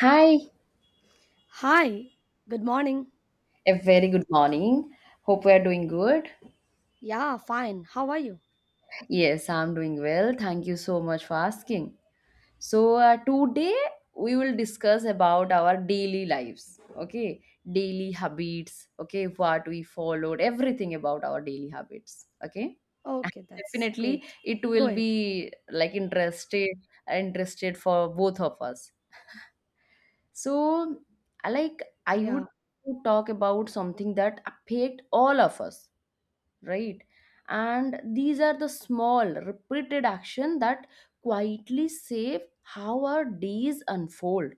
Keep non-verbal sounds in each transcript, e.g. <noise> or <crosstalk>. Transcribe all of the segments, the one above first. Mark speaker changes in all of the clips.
Speaker 1: Hi,
Speaker 2: Hi, good morning.
Speaker 1: a very good morning. Hope we are doing good.
Speaker 2: Yeah, fine. How are you?
Speaker 1: Yes, I'm doing well. Thank you so much for asking. So, today we will discuss about our daily lives, okay? Daily habits, okay? What we followed, everything about our daily habits, okay? And
Speaker 2: Okay, that's
Speaker 1: definitely
Speaker 2: great.
Speaker 1: it
Speaker 2: Go
Speaker 1: will
Speaker 2: ahead.
Speaker 1: be like interested for both of us. So, I like I would
Speaker 2: Yeah,
Speaker 1: talk about something that affect all of us, right, and these are the small repeated action that quietly save how our days unfold,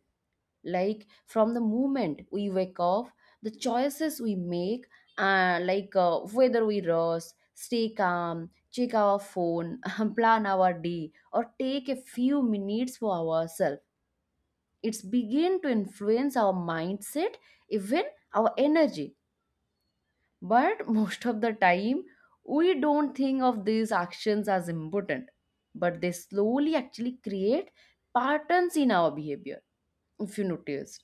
Speaker 1: like from the moment we wake up, the choices we make, like whether we rest, stay calm, check our phone, <laughs> plan our day, or take a few minutes for ourselves, it's begin to influence our mindset, even our energy. But most of the time, we don't think of these actions as important, but they slowly actually create patterns in our behavior, if you notice.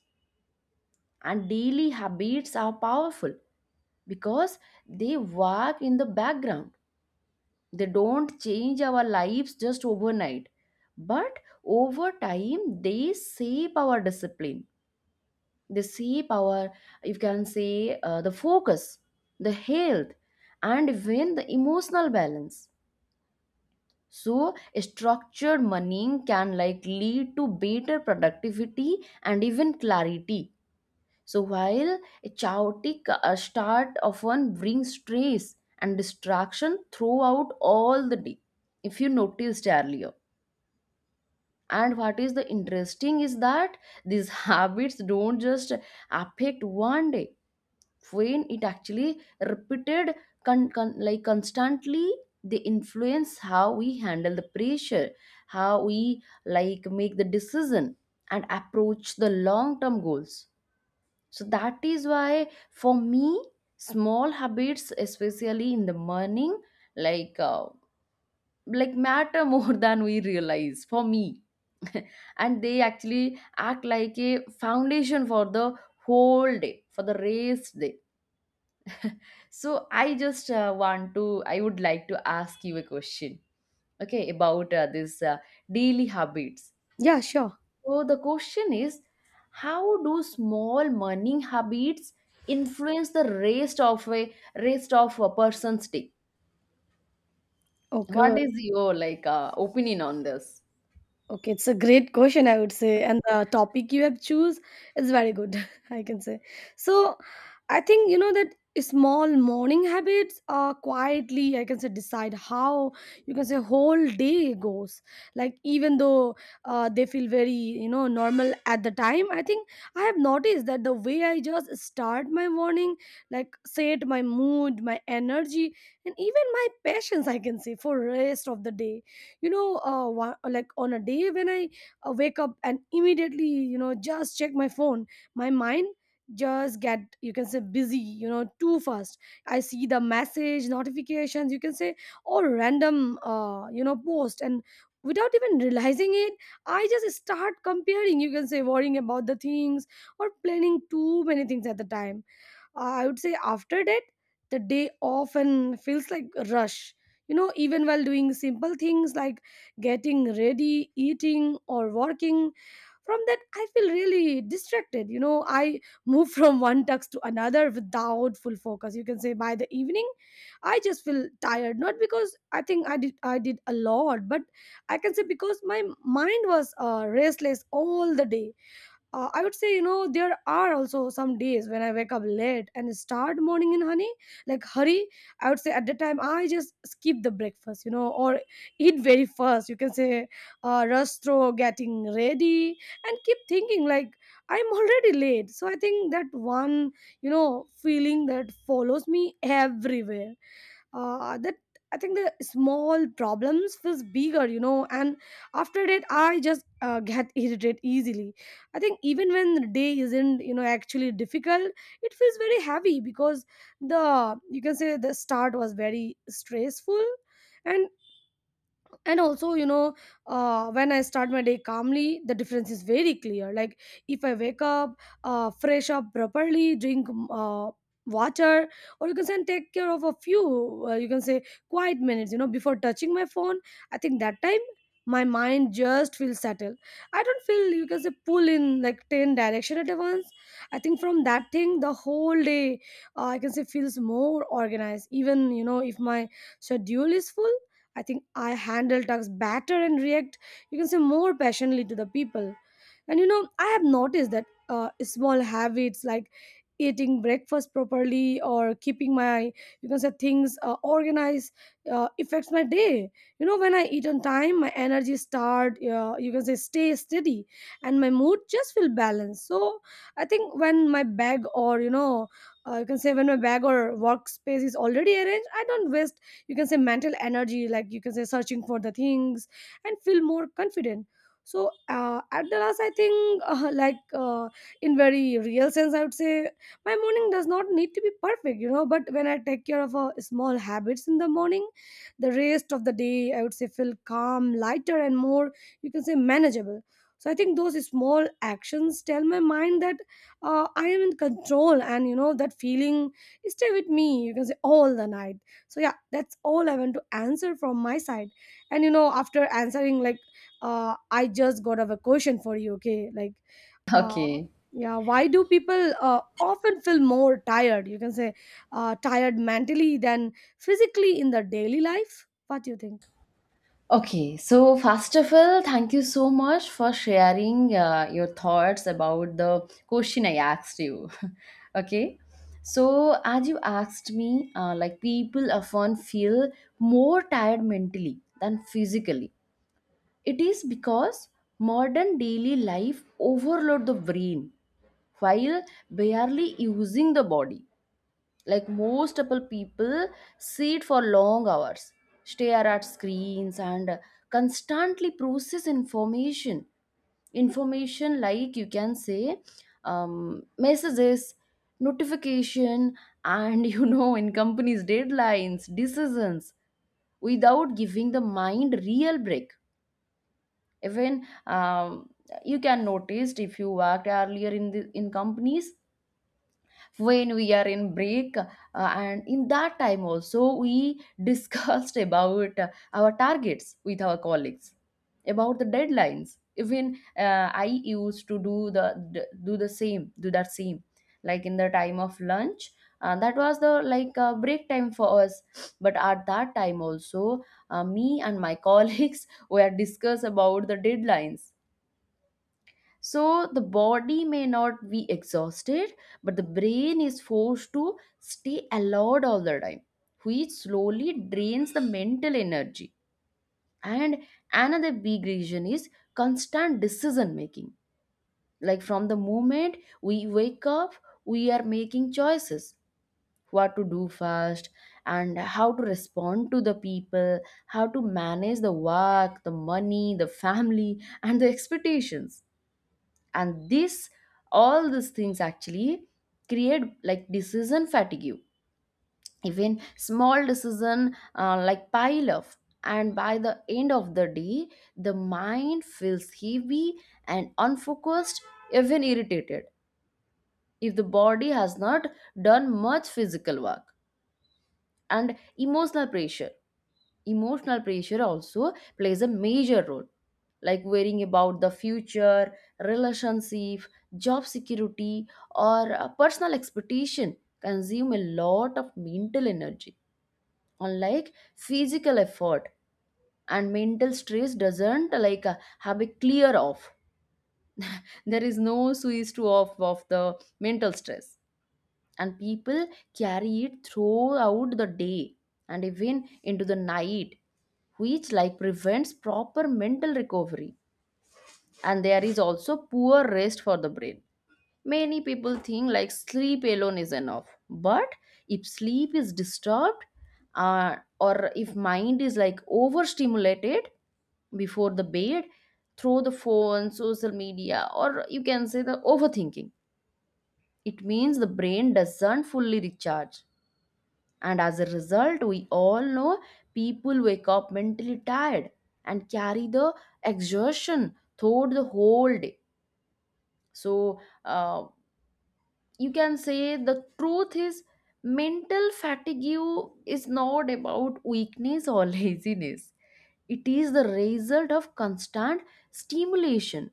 Speaker 1: And daily habits are powerful because they work in the background. They don't change our lives just overnight, but over time, they shape our discipline, they shape our, you can say, the focus, the health, and even the emotional balance. So a structured money can like lead to better productivity and even clarity. So while a chaotic start often brings stress and distraction throughout all the day, if you noticed earlier. And what is the interesting is that these <laughs> habits don't just affect one day when it actually repeated constantly. They influence how we handle the pressure, how we like make the decision, and approach the long term goals. So that is why, for me, small habits, especially in the morning, like uh, like matter more <laughs> than we realize for me. <laughs> And they actually act like a foundation for the whole day, for the rest day. So I would like to ask you a question, okay, about this daily habits.
Speaker 2: yeah, sure.
Speaker 1: So the question is, how do small morning habits influence the rest of a person's day? What
Speaker 2: Okay,
Speaker 1: is your like opinion on this?
Speaker 2: Okay, it's a great question, I would say, and the topic you have choose is very good, <laughs> I can say. So, I think you know that small morning habits quietly, I can say, decide how you can say whole day goes. Like even though they feel very you know normal at the time, I think I have noticed that the way I just start my morning, like set my mood, my energy, and even my <laughs> patience, I can say, for rest of the day you know like on a day when I wake up and immediately you know just check my phone, my mind just get you can say busy you know too fast. I see the message notifications you can say, or random you know post, and without even realizing it I just start comparing you can say worrying about the things, or planning too many things at the time. I would say after that, the day often feels like a rush. You know, even while doing simple things like getting ready, eating, or working, from that I feel really distracted. You know, I move <laughs> from one task to another without full focus. You can say by the evening, I just feel tired. Not because I think I did a lot, but I can say because my mind was restless all the day. I would say you know there are also some days when I wake up late and start morning in honey like hurry. I would say at the time I just skip the breakfast, you know, or eat very fast you can say, rush through getting ready and keep thinking like I'm already late, so I think that one you know feeling that follows me everywhere. That, I think the small problems feels bigger, you know, and after that I just get <laughs> irritated easily. I think even when the day isn't, you know, actually difficult, it feels very heavy because the you can say the start was very stressful, and and also you know when I start my day calmly the difference is very clear. Like if I wake up fresh up properly, drink water, or you can say and take care of a few you can say quiet minutes you know before touching my phone, I think that time my mind just feels settled. I don't feel you can say pull in like 10 direction at once. I think from that thing the whole day I can say feels more organized even you know if my schedule is full. I think I handle tasks better and react, you can say, more passionately to the people. And you know, I have noticed that small habits like eating breakfast properly or keeping my, you can say, things organized affects my day. You know, when I eat on time, my energy start, you can say, stay steady, and my mood just feel balanced. So I think when my bag or you know, you can say when my bag or workspace is already arranged, I don't waste you can say mental energy like you can say searching for the things and feel more confident. So at the last I think <laughs> in very real sense I would say my morning does not need to be perfect, you know, but when I take care of small habits in the morning, the rest of the day I would say feel calm, lighter, and more you can say manageable. So I think those small actions tell my mind that I am in control, and you know that feeling stay with me you can say all the night. So yeah, that's all I want to answer from my side, and you know after answering like I just got of a question for you. Okay, like uh
Speaker 1: Okay.
Speaker 2: yeah, why do people often feel more tired you can say tired mentally than physically in their daily life? What do you think?
Speaker 1: Okay, so first of all, thank you so much for sharing your thoughts about the question I asked you. <laughs> Okay, so as you asked me, like people often feel more tired mentally than physically. It is because modern daily life overload the brain while barely using the body, like most of people sit for long hours, stare at screens, and constantly process information like you can say, messages, notification, and <laughs> in companies deadlines, decisions, without giving the mind real break. Even you can notice if you worked earlier in companies, when we are in break, and in that time also we <laughs> discussed about our targets with our colleagues about the deadlines. Even I used to do the d- do the same do that same, like in the time of lunch. That was the like break time for us, but at that time also me and my <laughs> colleagues were discuss about the deadlines. So the body may not be exhausted, but the brain is forced to stay alert all the time, which slowly drains the mental energy. And another big reason is constant decision making. Like from the moment we wake up, we are making choices, what to do first and how to respond to the people, how to manage the work, the money, the family, and the expectations, and this all these things actually create like decision fatigue. Even small decision like pile up, and by the end of the day the mind feels heavy and unfocused, even irritated, if the body has not done much physical work. And emotional pressure emotional pressure also plays a major role, like worrying about the future, relationship, job security, or a personal expectation consume a lot of mental energy, unlike physical effort. And mental stress doesn't like have a clear off, there is no switch to off of the mental stress, and people carry it throughout the day and even into the night, which like prevents proper mental recovery. And there is also poor rest for the brain. Many people think like sleep alone is enough, but if sleep is disturbed, or if mind is like overstimulated before the bed through the phone, social media, or you can say the overthinking, it means the brain doesn't fully recharge. And as a result, we all know people wake up mentally tired and carry the exhaustion throughout the whole day. So, uh, you can say the truth is mental fatigue is not about weakness or <laughs> laziness, it is the result of constant stimulation,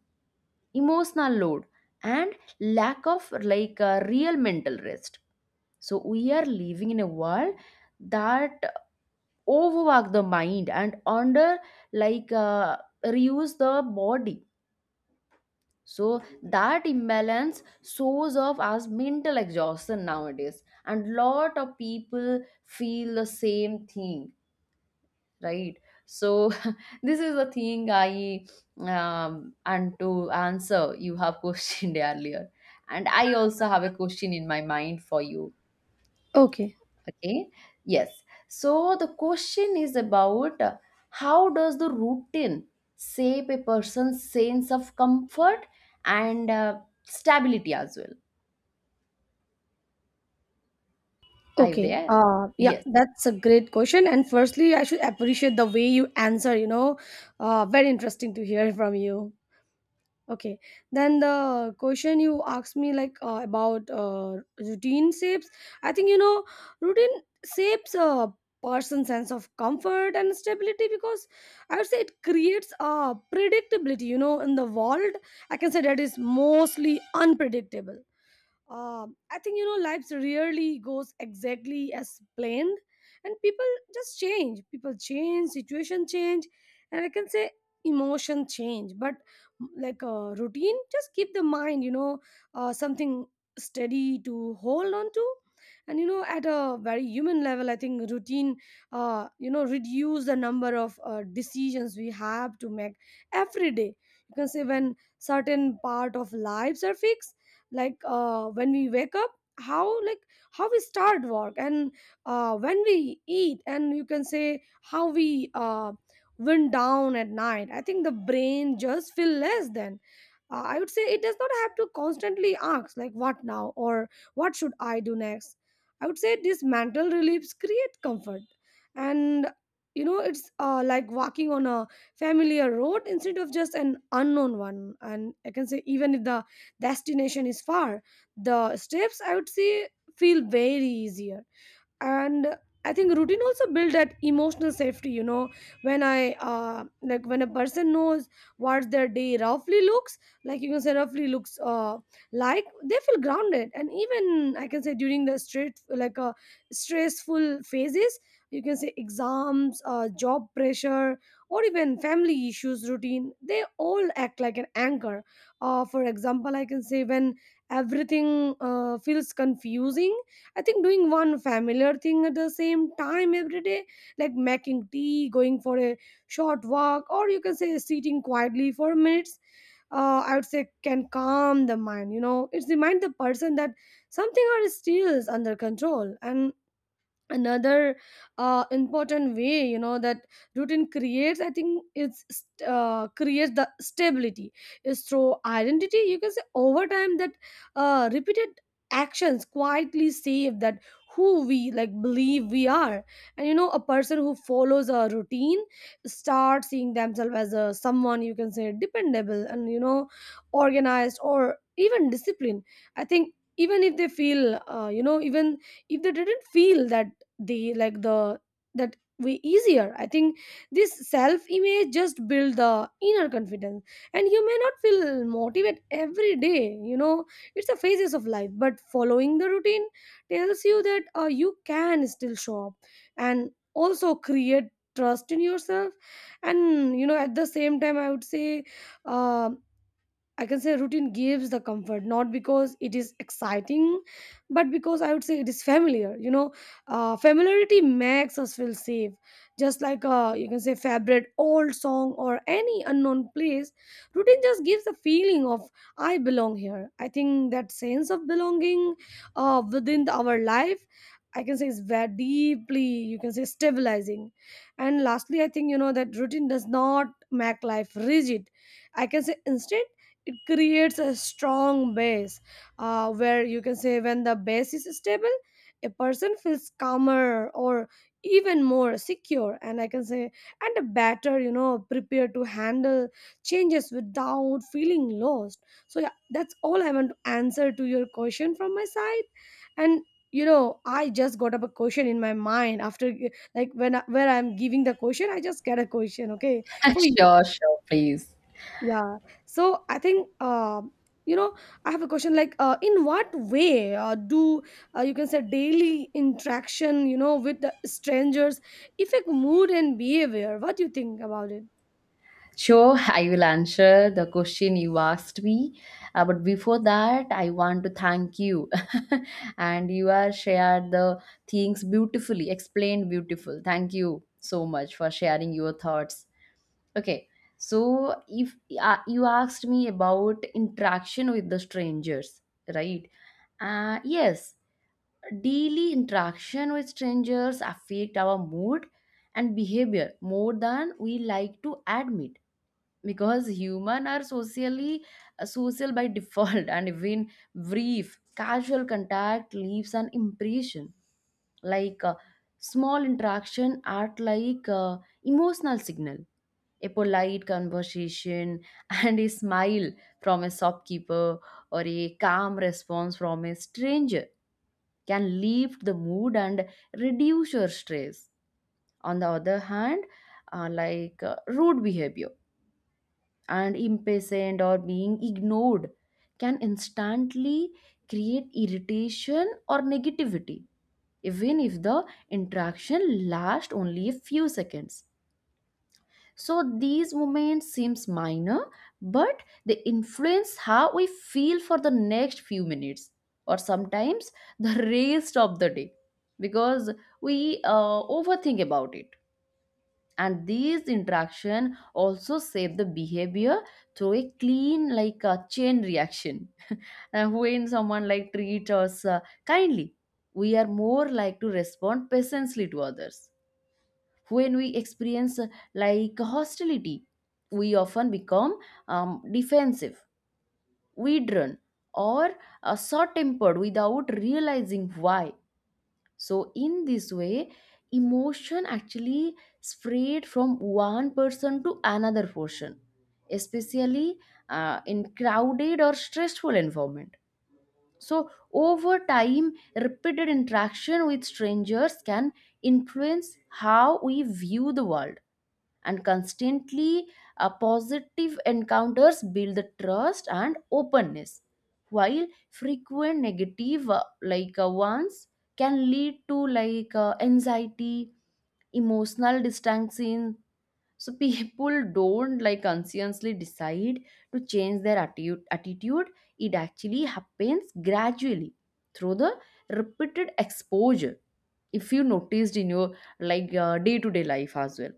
Speaker 1: emotional load, and lack of like a real mental rest. So, we are living in a world that overwork the mind and under like reuse the body, so that imbalance shows up as mental exhaustion nowadays, and lot of people feel the same thing, right. So <laughs> this is the thing, I and to answer you have questioned <laughs> earlier, and I also have a question in my mind for you.
Speaker 2: Okay.
Speaker 1: Okay, yes. So the question is about how does the routine shape a person's sense of comfort and stability as well? Are you
Speaker 2: Okay.
Speaker 1: there?
Speaker 2: Yeah,
Speaker 1: Yes.
Speaker 2: that's a great question. And firstly, I should appreciate the way you answer, you know, very interesting to hear from you. Okay. Then the question you asked me like about routine shapes. I think you know routine shapes a person's sense of comfort and stability because I would say it creates a predictability. You know, in the world, I can say that is mostly unpredictable. I think you know life rarely goes exactly as planned, and people just change. People change, situation change, and I can say emotion change. But like a routine, just keep the mind, you know, something steady to hold on to. And you know, at a very human level, I think routine, you know, reduce the number of decisions we have to make every day. You can say when certain part of lives are fixed, like when we wake up, how like how we start work, and when we eat, and you can say how we wind down at night. I think the brain just feel less then. I would say it does not have to constantly ask like what now, or what should I do next? I would say these mental reliefs create comfort. And you know it's like walking on a familiar road instead of just an unknown one, and I can say even if the destination is far, the steps I would say feel very easier. And I think routine also build that emotional safety, you know, when I like when a person knows what their day roughly looks like, you can say roughly looks like they feel grounded. And even I can say during the straight like stressful phases, you can say exams, job pressure, or even family issues, routine they all act like an anchor. For example, I can say when everything feels confusing, I think doing one familiar thing at the same time every day, like making tea, going for a short walk, or you can say sitting quietly for minutes, I would say can calm the mind. You know, it reminds the person that something are still under control. And another important way you know that routine creates, I think creates the stability is through identity. You can say over time that repeated actions quietly save that who we like believe we are. And you know a person who follows a routine starts seeing themselves as a someone you can say dependable, and you know organized or even disciplined. I think even if they feel you know even if they didn't feel that, the like the that way easier. I think this self image just build the inner confidence, and you may not feel motivated every day, you know, it's a phases of life, but following the routine tells you that you can still show up and also create trust in yourself. And you know at the same time I would say, um I can say routine gives the comfort, not because it is exciting, but because I would say it is familiar. You know, familiarity makes us feel safe. Just like you can say favorite old song or any unknown place, routine just gives the feeling of I belong here. I think that sense of belonging within our life, I can say is very deeply, you can say stabilizing. And lastly, I think, you know, that routine does not make life rigid. I can say instead, it creates a strong base. Where you can say when the base is stable, a person feels calmer or even more secure, and I can say and better you know prepared to handle changes without feeling lost. So yeah, that's all I want to answer to your question from my side. And you know I just got up a question in my mind after like where I'm giving the question I just get a question, okay, for
Speaker 1: <laughs>
Speaker 2: you.
Speaker 1: Sure, sure, please.
Speaker 2: Yeah. So I think you know I have a question like in what way do you can say daily interaction you know with the strangers affect mood and behavior? What do you think about it?
Speaker 1: Sure, I will answer the question you asked me. But before that, I want to thank you. <laughs> And you are shared the things beautifully, explained beautiful. Thank you so much for sharing your thoughts. Okay, so if you asked me about interaction with the strangers, right? Yes, daily interaction with strangers affect our mood and behavior more than we like to admit, because human are social by <laughs> default, and even brief casual contact leaves an impression, like small interaction act like emotional signal. A polite conversation <laughs> and a smile from a shopkeeper or a calm response from a stranger can lift the mood and reduce your stress. On the other hand, like rude behavior and impatient or being ignored can instantly create irritation or negativity, even if the interaction lasts only a few seconds. So these moments seems minor, but they influence how we feel for the next few minutes or sometimes the <laughs> rest of the day, because we overthink about it. And these interaction also shape the behavior through a clean like a chain reaction. <laughs> And when someone like treats us kindly, we are more like to respond patiently to others. When we experience like hostility, we often become defensive, withdrawn, or short tempered without realizing why. So in this way, emotion actually spread from one person to another person, especially in crowded or stressful environment. So over time, repeated interaction with strangers can influence how we view the world, and constantly positive encounters build the trust and openness, while frequent negative like ones can lead to like anxiety, emotional distancing. So <laughs> people don't like consciously decide to change their attitude, it actually happens gradually through the repeated exposure, if you noticed in your like day to day life as well.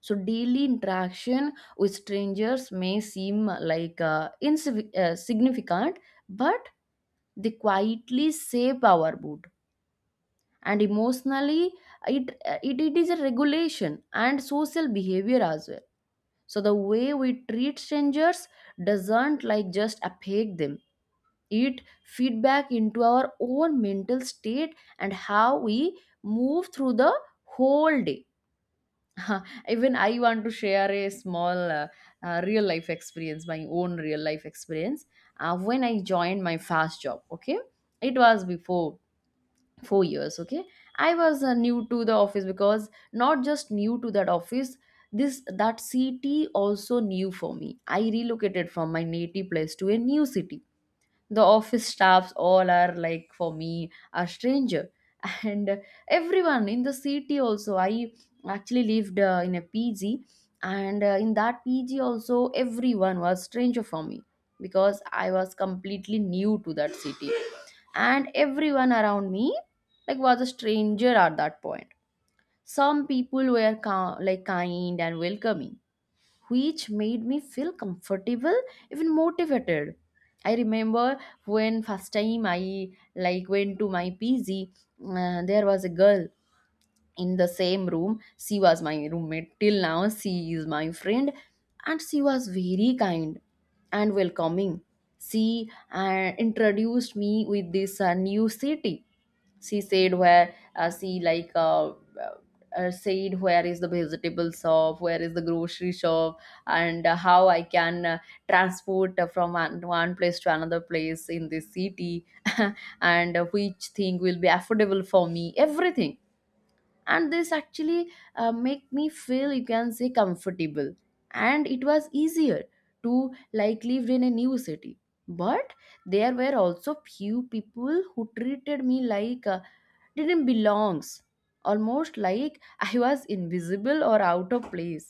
Speaker 1: So daily interaction with strangers may seem like insignificant, but they quietly shape our mood. And emotionally, it is a regulation and social behavior as well. So the way we treat strangers doesn't like just affect them. It feedback into our own mental state and how we move through the whole day. <laughs> Even I want to share a small real life experience, my own real life experience. When I joined my first job, okay, it was before 4 years, okay. I was new to the office because not just new to that office, this that city also new for me. I relocated from my native place to a new city. The office staffs all are like for me a stranger, <laughs> and everyone in the city also. I actually lived in a PG, and in that PG also everyone was stranger for me, because I was completely new to that city and everyone around me like was a stranger at that point. Some people were like kind and welcoming, which made me feel comfortable, even motivated. I remember when first time I like went to my PG, there was a girl in the same room. She was my roommate till now. She is my friend, and she was very kind and welcoming. She introduced me with this new city. She said where she like said where is the vegetable shop, where is the grocery shop, and how I can transport from one place to another place in this city. <laughs> And which thing will be affordable for me, everything. And this actually make me feel, you can say, comfortable, and it was easier to like live in a new city. But there were also few people who treated me like didn't belongs, almost like I was invisible or out of place.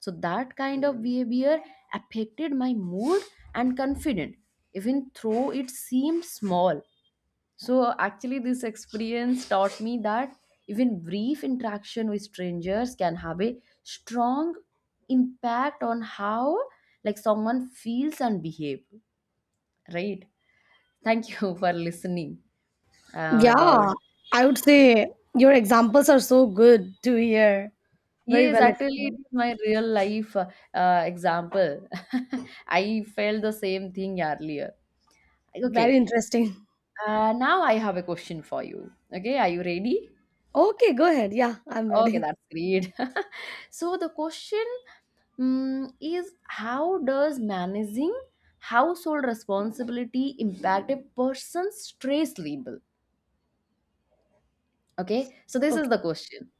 Speaker 1: So that kind of behavior affected my mood and confidence, even though it seemed small. So actually this experience taught me that even brief interaction with strangers can have a strong impact on how like someone feels and behave, right? Thank you <laughs> for listening about
Speaker 2: Yeah, I would say your examples are so good to hear. Very
Speaker 1: Yes,
Speaker 2: well
Speaker 1: actually, it
Speaker 2: explained.
Speaker 1: is my real life example. <laughs> I felt the same thing earlier.
Speaker 2: Very
Speaker 1: Okay,
Speaker 2: interesting. <laughs>
Speaker 1: now I have a question for you. Okay, are you ready?
Speaker 2: Okay, go ahead. Yeah, I'm
Speaker 1: Okay,
Speaker 2: ready.
Speaker 1: that's great. <laughs> So the question is, how does managing household responsibility impact a person's stress level? Okay, so this is
Speaker 2: Okay.
Speaker 1: the question.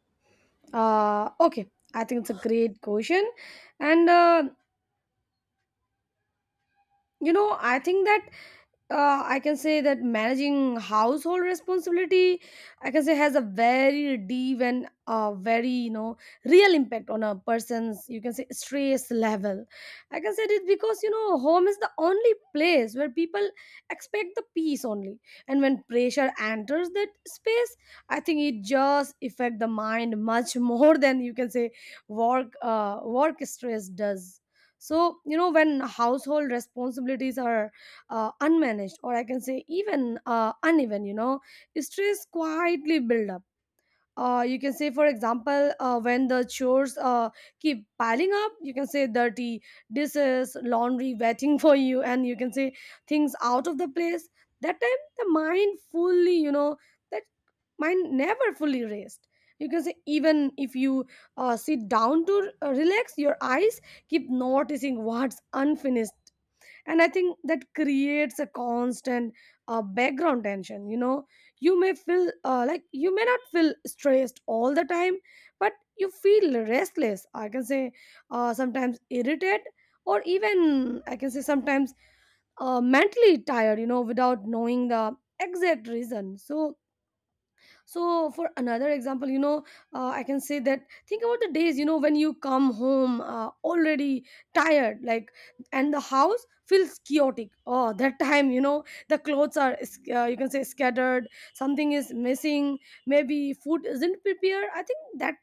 Speaker 2: Okay. I think it's a great question, and you know I think that. I can say that managing household responsibility, I can say, has a very deep and very real impact on a person's, you can say, stress level. I can say it because home is the only place where people expect the peace only, and when pressure enters that space, I think it just affect the mind much <laughs> more than, you can say, work work stress does. So, when household responsibilities are unmanaged, or I can say even uneven, stress quietly build up. You can say, for example, when the chores keep piling up, you can say dirty dishes, laundry waiting <laughs> for you, and you can say things out of the place. That time, the mind fully you know that mind never fully rest, you can say. Even if you sit down to relax, your eyes keep noticing what's unfinished. And I think that creates a constant background tension. You may feel, like you may not feel stressed all the time, but you feel restless, I can say, sometimes irritated, or even I can say sometimes mentally tired, without knowing the exact reason. So so, for another example, I can say that, think about the days when you come home already tired, like, and the house feels chaotic. Oh, that <laughs> time, the clothes are you can say scattered, something is missing, maybe food isn't prepared. I think that,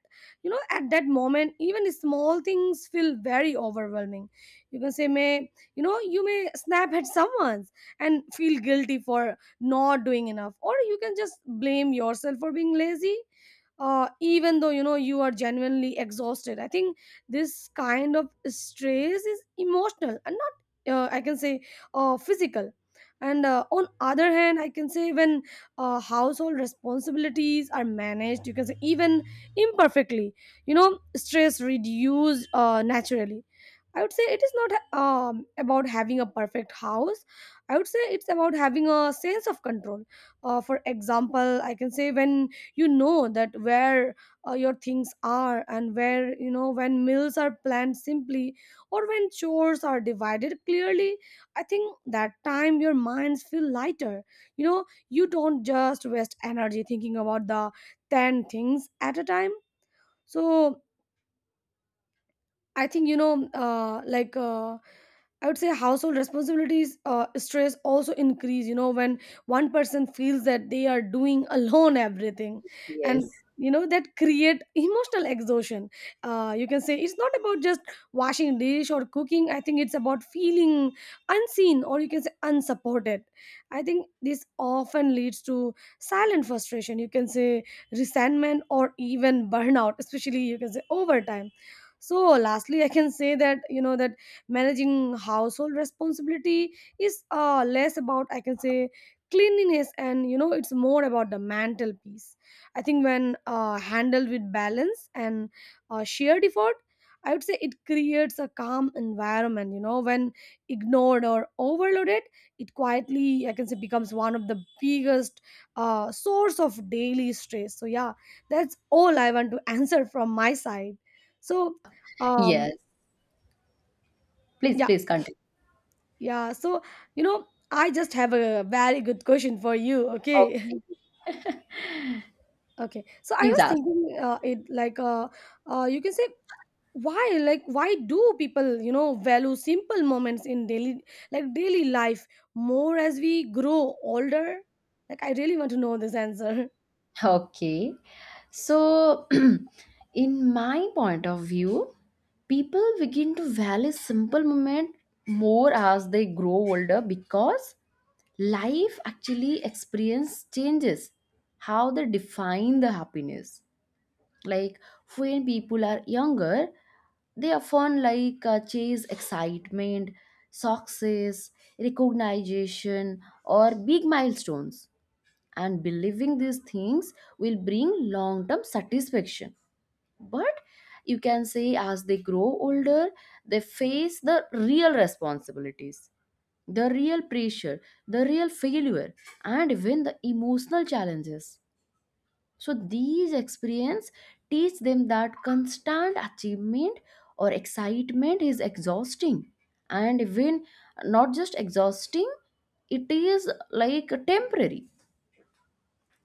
Speaker 2: at that moment, even small things feel very overwhelming. You can say, may you know you may snap at <laughs> someone and feel guilty for not doing enough, or you can just blame yourself for being lazy, even though you are genuinely exhausted. I think this kind of stress is emotional and not, I can say, physical. And on other hand, I can say, when household responsibilities are managed, you can say, even imperfectly, you know stress reduced naturally. I would say it is not about having a perfect house. I would say it's about having a sense of control. For example, I can say, when that where your things are, and where, when meals are planned simply, or when chores are divided clearly, I think that time your minds feel lighter. You don't just waste energy thinking about the 10 things at a time. So, I think, like I would say, household responsibilities stress also increase. When one person feels that they are doing <laughs> alone everything, and
Speaker 1: Yes,
Speaker 2: that create emotional exhaustion. You can say it's not about just washing dish or cooking. I think it's about feeling unseen, or you can say unsupported. I think this often leads to silent frustration. You can say resentment, or even burnout, especially, you can say, over time. So, lastly, I can say that, that managing household responsibility is less about, I can say, cleanliness, and it's more about the mental peace. I think when handled with balance and shared effort, I would say it creates a calm environment. When ignored or overloaded, it quietly, I can say, becomes one of the biggest source of daily stress. So yeah, that's all I want to <laughs> answer from my side. So, um,
Speaker 1: yes. Please,
Speaker 2: yeah,
Speaker 1: please continue.
Speaker 2: yeah. So, I just have a very good question for you. Okay.
Speaker 1: Okay,
Speaker 2: <laughs> Okay. So I
Speaker 1: please
Speaker 2: was
Speaker 1: ask.
Speaker 2: thinking it, like, you can say, why, like, why do people, value simple moments in daily life more as we grow older? Like, I really want to know this answer.
Speaker 1: Okay. So, <clears throat> in my point of view, people begin to value simple moment more as they grow older because life actually experience changes how they define the happiness. Like when people are younger, they often like chase excitement, success, recognition, or big milestones, and believing these things will bring long term satisfaction. But you can say, as they grow older, they face the real responsibilities, the real pressure, the real failure, and even the emotional challenges. So these experience teach them that constant achievement or excitement is exhausting, and even not just exhausting, it is like temporary.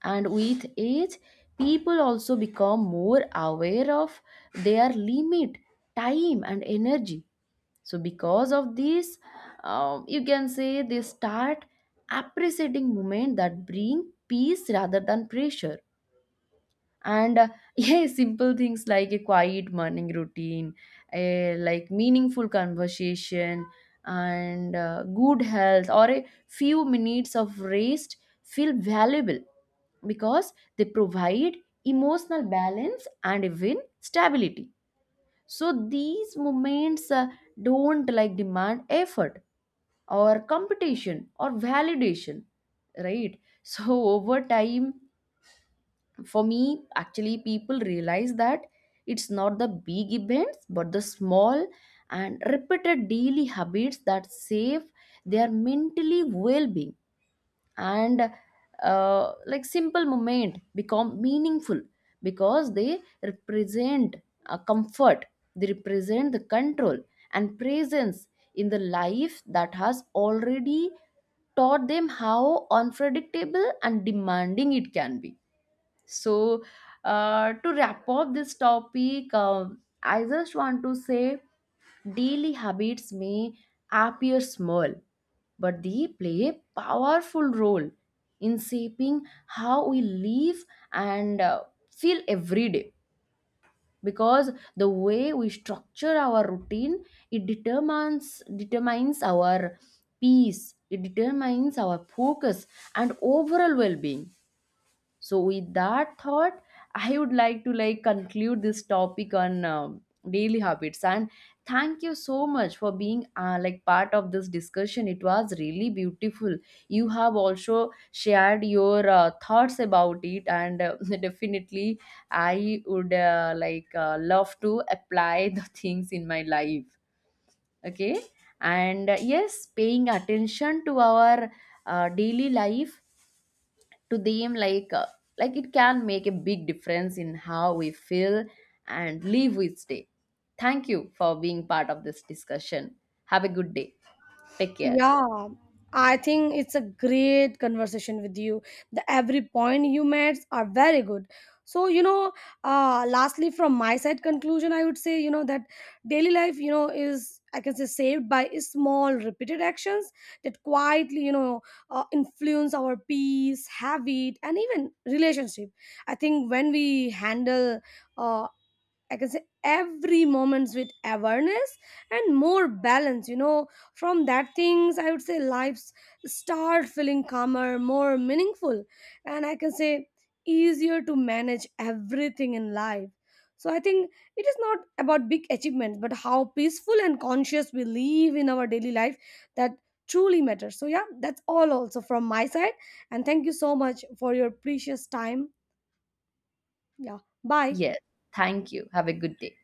Speaker 1: And with age, people also become more aware of their limit, time, and energy. So because of this, you can say they start appreciating moment that bring peace rather than pressure. And <laughs> yeah, simple things like a quiet morning routine, a like meaningful conversation, and good health, or a few minutes of rest feel valuable because they provide emotional balance and even stability. So these moments don't like demand effort or competition or validation, right? <laughs> So over time, for me actually, people realize that it's not the big events but the small and repeated daily habits that save their mentally well-being. And like simple moment become meaningful because they represent a comfort, they represent the control and presence in the life that has already taught them how unpredictable and demanding it can be. So, to wrap up this topic, I just want to say daily habits may appear small, but they play a powerful role in shaping how we live and feel every day. Because the way we structure our routine, it determines our peace, it determines our focus and overall well-being. So with that thought, I would like to like conclude this topic on daily habits. And thank you so much for being like part of this discussion, it was really beautiful. You have also shared your thoughts about it, and <laughs> definitely I would love to apply the <laughs> things in my life. Okay. And yes, paying attention to our daily life, to them, like it can make a big difference in how we feel and live each day. Thank you for being part of this discussion. Have a good day. Take care.
Speaker 2: Yeah, I think it's a great conversation with you. The every point you made are very good. So, lastly, from my side conclusion, I would say, that daily life, is, I can say, saved by small repeated actions that quietly, influence our peace, habit, and even relationship. I think when we handle, uh, I can say, every moments with awareness and more balance. From that things, I would say lives start feeling calmer, more meaningful, and I can say easier to manage everything in life. So I think it is not about big achievements, but how peaceful and conscious we live in our daily life that truly matters. So yeah, that's all also from my side, and thank you so much for your precious time. Yeah, bye.
Speaker 1: Yes, thank you. Have a good day.